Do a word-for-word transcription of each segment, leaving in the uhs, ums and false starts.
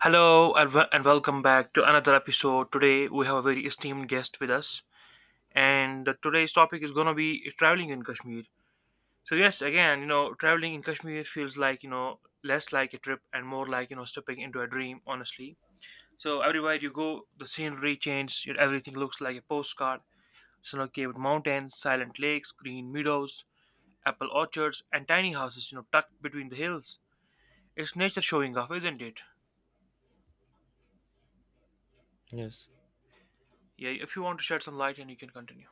Hello and, wel- and welcome back to another episode. Today we have a very esteemed guest with us, and the- today's topic is gonna be traveling in Kashmir. So yes, again, you know, traveling in Kashmir feels like you know less like a trip and more like you know stepping into a dream. Honestly, so everywhere you go, the scenery changes. Yet Everything looks like a postcard: snow-capped mountains, silent lakes, green meadows, apple orchards, and tiny houses you know tucked between the hills. It's nature showing off, isn't it? Yes, Yeah. If you want to shed some light, and you can continue.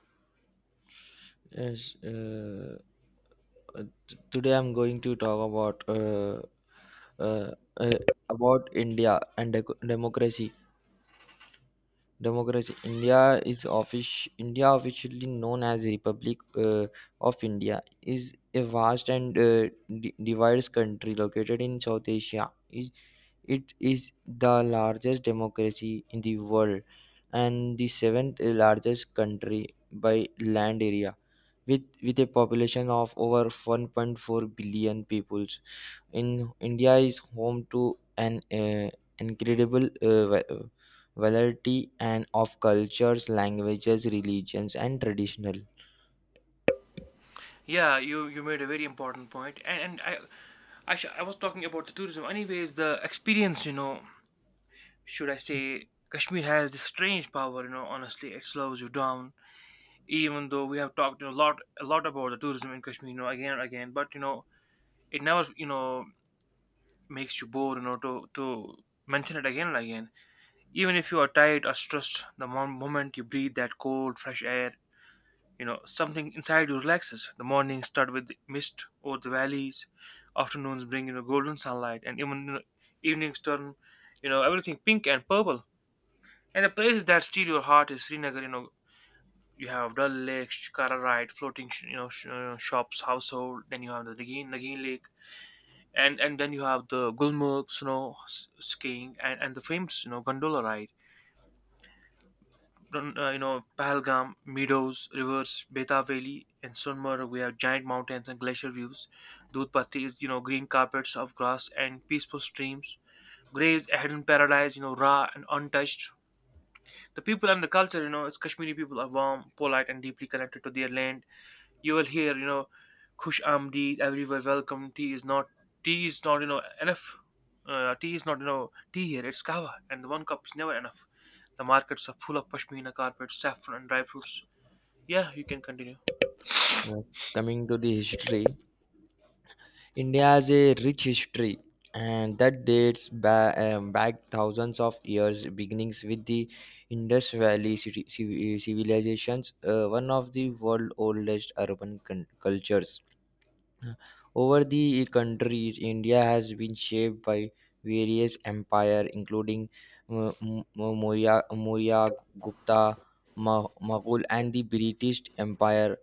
yes. Uh, uh, t- today I'm going to talk about uh, uh, uh, about India and dec- democracy. Democracy. India, is offic- India officially known as Republic uh, of India, is a vast and uh, d- divided country located in South Asia. It is the largest democracy in the world and the seventh largest country by land area with with a population of over one point four billion peoples. In India is home to an uh, incredible uh, va- uh, variety and of cultures, languages, religions and traditional. Yeah, you you made a very important point, and and I I, sh- I was talking about the tourism. Anyways, the experience, you know, should I say, Kashmir has this strange power. You know, honestly, it slows you down. Even though we have talked a lot a lot about the tourism in Kashmir, you know, again and again, but you know, it never you know makes you bored. You know, to to mention it again and again. Even if you are tired or stressed, the mom- moment you breathe that cold, fresh air, you know something inside you relaxes. The mornings start with mist over the valleys, afternoons bring you know golden sunlight, and even you know, evenings turn you know everything pink and purple. And the places that steal your heart is Srinagar. You know, you have Dal Lake, Shikara ride, floating sh- you know sh- uh, shops, household. Then you have the Nagin Nagin Lake, and and then you have the Gulmarg, snow s- skiing and and the famous you know gondola ride. uh, you know Pahalgam, meadows, rivers, Beta Valley, and Sunmurg. We have giant mountains and glacier views. Dudhpati is you know green carpets of grass and peaceful streams. Grey is a hidden paradise, you know, raw and untouched. The people and the culture, you know, it's Kashmiri people are warm, polite, and deeply connected to their land. You will hear you know khush amdeed everywhere, welcome. Tea is not tea is not you know enough uh, Tea is not, you know tea here, it's kava, and the one cup is never enough. The markets are full of pashmina, carpets, saffron, and dry fruits. Yeah, you can continue. Uh, Coming to the history, India has a rich history, and that dates ba- um, back thousands of years, beginnings with the Indus Valley citi- civ- civilizations, uh, one of the world's oldest urban con- cultures. Over the countries, India has been shaped by various empires, including uh, M- Maurya, Maurya, Gupta, Ma- Mughal, and the British Empire,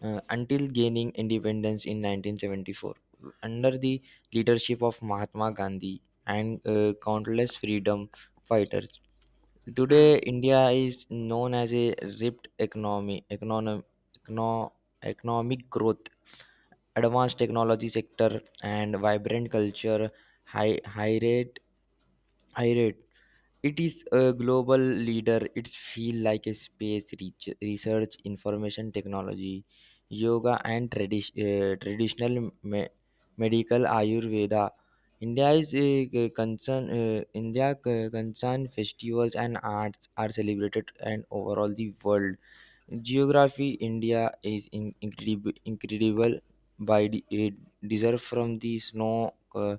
uh, until gaining independence in nineteen seventy-four. Under the leadership of Mahatma Gandhi and uh, countless freedom fighters, Hmm. today India is known as a ripped economy, econom, econo, economic growth, advanced technology sector, and vibrant culture. High, high rate, high rate, it is a global leader. It feel like a space reach, research, information technology, yoga and tradi- uh, traditional me- medical ayurveda. India is uh, concern uh, india uh, concern festivals and arts are celebrated and overall the world. Geography: India is in incredible, incredible by the it deserve, from the snow uh,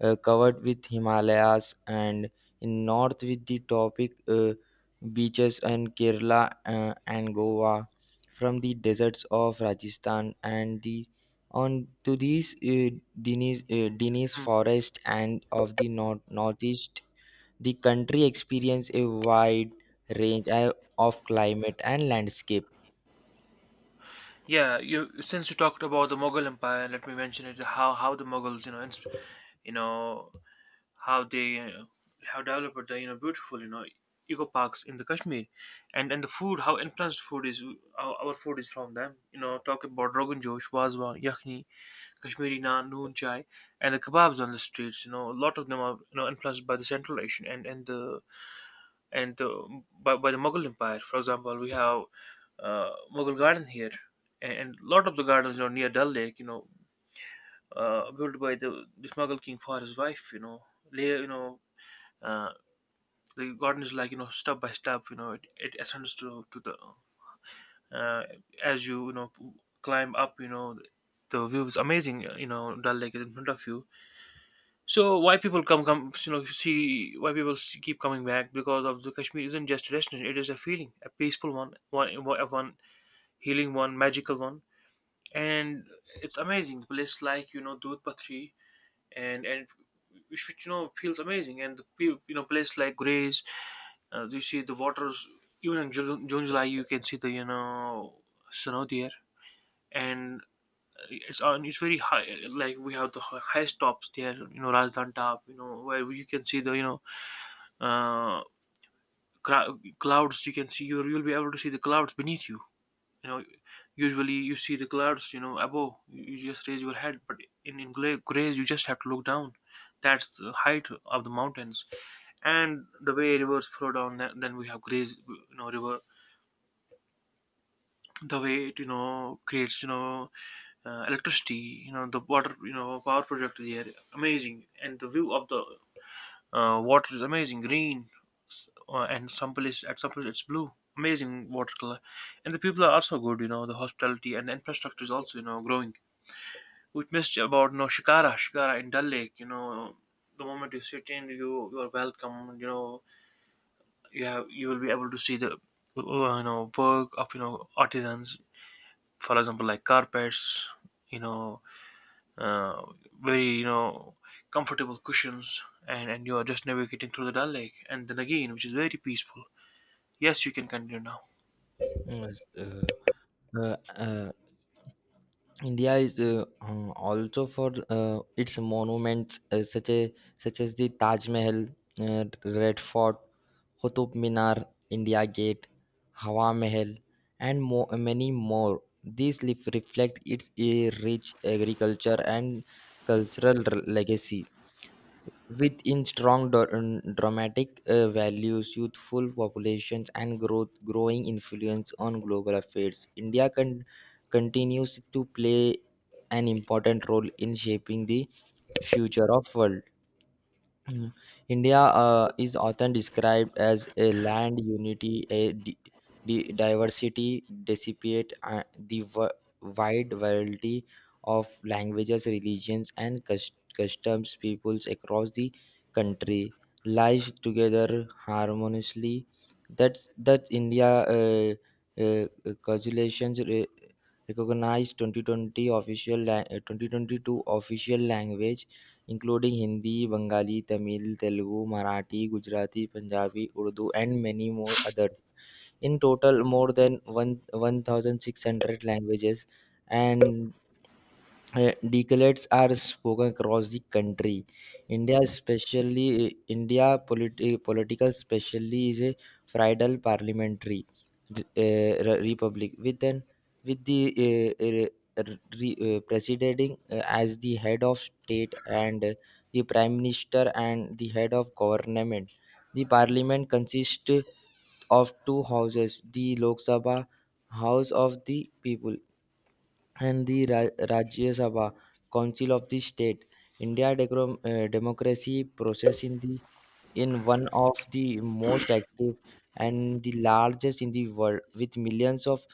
uh, covered with Himalayas and in north, with the tropic uh, beaches and Kerala uh, and Goa, from the deserts of Rajasthan and the on to these uh, Dinis, uh, Dinis Hmm. forest and of the north northeast. The country experience a wide range uh, of climate and landscape. Yeah, you, since you talked about the Mughal Empire, let me mention it, how how the Mughals, you know ins- you know how they uh, have developed the you know beautiful you know eco parks in the Kashmir, and and the food, how influenced food is. Our, our food is from them. You know, talk about rogan josh, wazwan, yakhni, Kashmiri naan, noon chai, and the kebabs on the streets. You know, a lot of them are you know influenced by the Central Asian and and the and the, by by the Mughal Empire. For example, we have uh, Mughal Garden here. And and a lot of the gardens, you know, near Dal Lake, you know, uh, built by the, the Mughal king for his wife, you know, lay, you know, Uh, the garden is like you know step by step. You know it, it ascends to to the, uh, as you you know climb up, you know the view is amazing. You know, Dal Lake is in front of you. So why people come come, you know, see, why people s- keep coming back, because of the Kashmir isn't just a destination, it is a feeling: a peaceful one, one one healing one, magical one. And it's amazing, the place like you know Dudh Patri and and which, which you know feels amazing. And the, pe- you know, place like Grays, uh, you see the waters even in June, June July. You can see the you know snow there, and it's on it's very high. Like we have the hi- highest tops there, you know, Rajasthan top, you know, where you can see the you know uh, cra- clouds. You can see, you you'll be able to see the clouds beneath you. You know, usually you see the clouds, you know, above. You you just raise your head, but in in Gra- Grays, you just have to look down. That's the height of the mountains, and the way rivers flow down. Then then we have graze, you know, river, the way it, you know, creates, you know, uh, electricity, you know, the water, you know, power project there. Amazing. And the view of the uh, water is amazing, green s- uh, and some place at some place it's blue. Amazing water color. And the people are also good. You know, the hospitality and the infrastructure is also, you know, growing. We missed about, you know, shikara shikara in Dal Lake. You know, the moment you sit in, you you are welcome. You know, you have, you will be able to see the uh, you know work of, you know, artisans. For example, like carpets, you know, uh, very, you know, comfortable cushions, and and you are just navigating through the Dal Lake, and then again, which is very peaceful. Yes, you can continue now. Yes, uh, uh, uh, India is uh, uh, also for uh, its monuments uh, such as such as the Taj Mahal, uh, Red Fort, Qutub Minar, India Gate, Hawa Mahal, and mo- many more. These lif- reflect its uh, rich agriculture and cultural r- legacy. Within strong dra- um, dramatic uh, values, youthful populations and growth growing influence on global affairs, India con- continues to play an important role in shaping the future of world. Mm. India uh, is often described as a land unity, a di- di- diversity, dissipate, uh, the w- wide variety of languages, religions, and cus- customs peoples across the country lies together harmoniously. That's that India uh, uh, calculations re- recognized twenty twenty official la- uh, twenty twenty-two official language including Hindi, Bengali, Tamil, Telugu, Marathi, Gujarati, Punjabi, Urdu, and many more others. In total, more than one one thousand six hundred languages and uh, decalates are spoken across the country. India, especially India politi- political, especially, is a federal parliamentary re- uh, re- republic, with an with the uh, uh, re- uh, presiding uh, as the head of state and uh, the prime minister and the head of government. The parliament consists of two houses: the Lok Sabha, House of the People, and the Ra- Rajya Sabha, Council of the state. India decro- uh, democracy process in the in one of the most active and the largest in the world, with millions of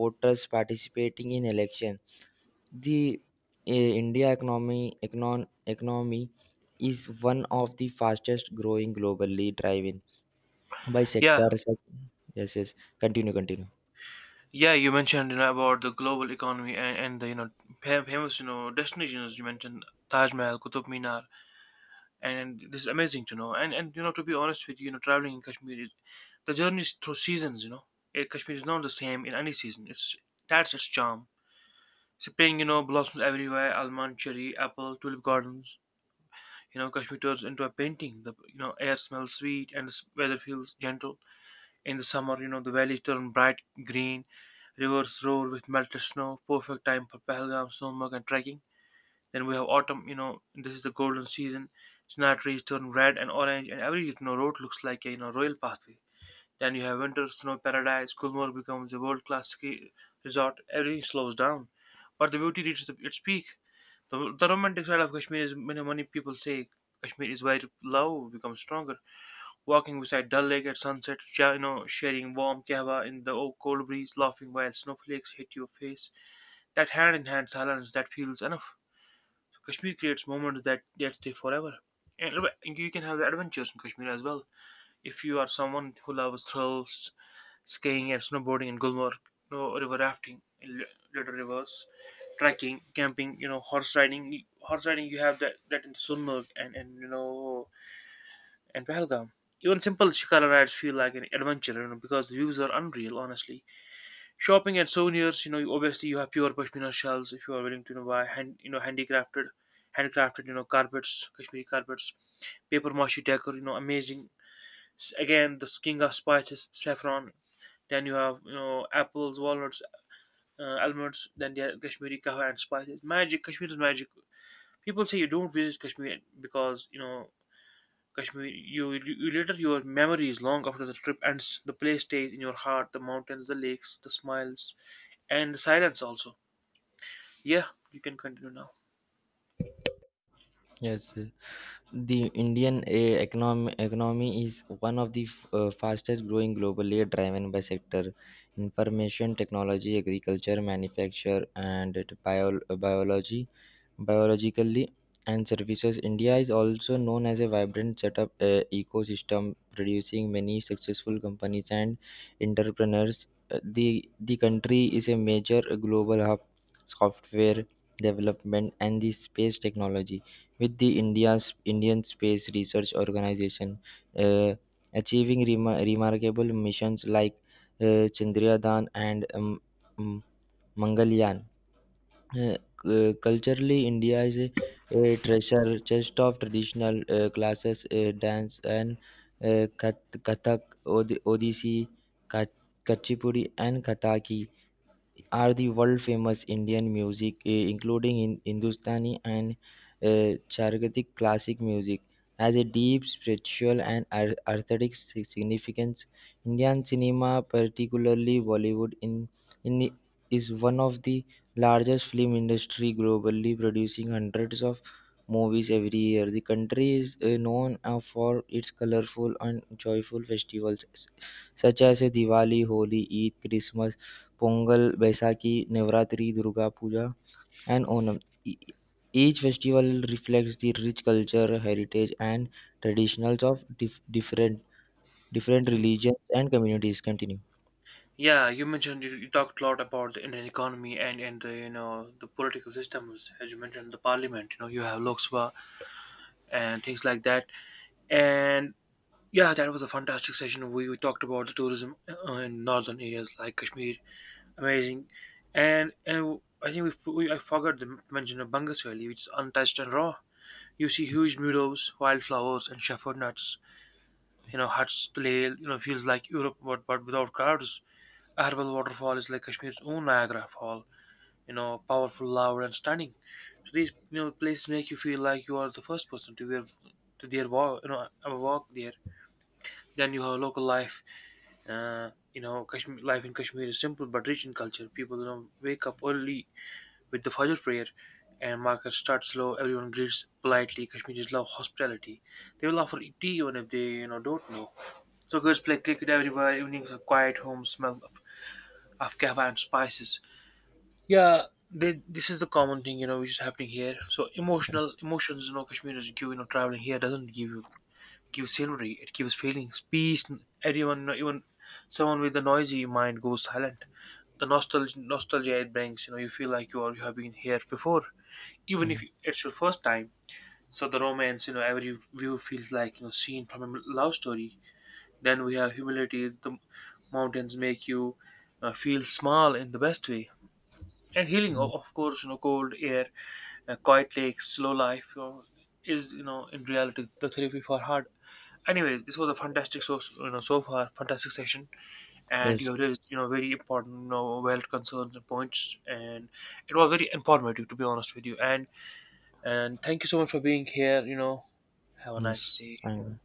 voters participating in election. The uh, India economy, econ- economy, is one of the fastest growing globally, driven by Yeah. sectors. Yes, yes. Continue, continue. Yeah, you mentioned, you know, about the global economy, and, and the, you know, fam- famous, you know, destinations. You mentioned Taj Mahal, Qutub Minar, and this is amazing to know. And and you know, to be honest with you, you know, traveling in Kashmir is, the journey is through seasons. You know, eh, Kashmir is not the same in any season. It's That's its charm. Spring, you know, blossoms everywhere: almond, cherry, apple, tulip gardens. You know, Kashmir turns into a painting. The, you know, air smells sweet, and the s- weather feels gentle. In the summer, you know, the valleys turn bright green. Rivers roar with melted snow, perfect time for Pahalgam, Snowmog, and trekking. Then we have autumn, you know, this is the golden season. Snow trees turn red and orange, and every, you know, road looks like a, you know, royal pathway. Then you have winter, snow paradise. Gulmarg becomes a world class ski resort. Everything slows down, but the beauty reaches the, its peak. The, the romantic side of Kashmir is, many, many people say Kashmir is where love becomes stronger. Walking beside Dal Lake at sunset, sh- you know, sharing warm kahwa in the o- cold breeze, laughing while snowflakes hit your face. That hand in hand silence that feels enough. Kashmir creates moments that, that stay forever. And you can have the adventures in Kashmir as well. If you are someone who loves thrills: skiing and snowboarding in Gulmarg, you know, river rafting in li- little rivers, trekking, camping, you know, horse riding. Horse riding, you have that, that in Sunmarg and, and, you know, and Pahalgam. Even simple Shikara rides feel like an adventure, you know, because the views are unreal, honestly. Shopping and souvenirs, you know, you- obviously you have pure pashmina shawls, if you are willing to, you know, buy hand, you know, handicrafted, handcrafted, you know, carpets, Kashmiri carpets, paper mache decor, you know, amazing. S- Again, the kinga spices, saffron. Then you have, you know, apples, walnuts, uh, almonds. Then there are Kashmiri kahwa and spices. Magic, Kashmir is magic. People say you don't visit Kashmir because, you know, Kashmir. You, you you later, your memory is long after the trip ends. The place stays in your heart: the mountains, the lakes, the smiles, and the silence also. Yeah, you can continue now. Yes. The Indian eh, economy, economy is one of the f- uh, fastest growing globally, driven by sector information technology, agriculture, manufacture, and bio, biology biologically and services. India is also known as a vibrant setup uh, ecosystem, producing many successful companies and entrepreneurs. Uh, the the country is a major global hub software development and the space technology, with the india's indian space research organization uh, achieving remar- remarkable missions like uh, chandrayaan and um, um, mangalyaan. Uh, culturally, India is a, a treasure chest of traditional uh, classes, uh, dance, and uh, Kath- Kathak, Od- Odissi, Ka- Kuchipudi, and Kathaki are the world famous. Indian music, eh, including in Hindustani and uh, Charagic classic music, has a deep spiritual and ar- aesthetic si- significance. Indian cinema, particularly Bollywood, in, in i- is one of the largest film industry globally, producing hundreds of movies every year. The country is uh, known uh, for its colorful and joyful festivals, s- such as uh, Diwali, Holi, Eid, Christmas, Pongal, Baisakhi, Navratri, Durga Puja, and Onam. E- Each festival reflects the rich culture, heritage, and traditions of dif- different different religions and communities. Continue. Yeah, you mentioned, you, you talked a lot about the Indian economy, and and the, you know, the political systems, as you mentioned the parliament. You know, you have Lok Sabha and things like that. And yeah, that was a fantastic session. We, we talked about the tourism uh, in northern areas like Kashmir, amazing, and and I think we, f- we I forgot to mention the Bangas Valley, which is untouched and raw. You see huge meadows, wildflowers, and shepherd nuts. You know, huts, the lake. You know, feels like Europe, but but without crowds. Herbal waterfall is like Kashmir's own Niagara Fall, you know, powerful, loud, and stunning. So these, you know, places make you feel like you are the first person to wear, to their walk, you know, have a walk there. Then you have local life. Uh, you know, Kashmir life in Kashmir is simple but rich in culture. People, you know, wake up early with the Fajr prayer, and markets start slow. Everyone greets politely. Kashmiris love hospitality. They will offer tea even if they, you know, don't know. So girls play cricket everywhere. Evenings are quiet. Homes smell of, of kava and spices. Yeah, they, this is the common thing, you know, which is happening here. So Yes. emotional emotions, you know, Kashmiris give, you know, traveling here doesn't give you, give scenery. It gives feelings, peace. Everyone, you know, even someone with a noisy mind goes silent. The nostalgia, nostalgia it brings, you know, you feel like you are you have been here before, even if Mm, it's your first time. So the romance, you know, every view feels like, you know, scene from a love story. Then we have humility. The mountains make you uh, feel small in the best way. And healing, o- mm. of course, you know, cold air, uh, quiet lakes, slow life, you know, is, you know, in reality the therapy for heart. Anyways, this was a fantastic, so you know so far fantastic session, and you Yes. have raised, you know, very important, you know, valid concerns and points, and it was very informative, to be honest with you. And and thank you so much for being here, you know, have a nice Yes. day. Thank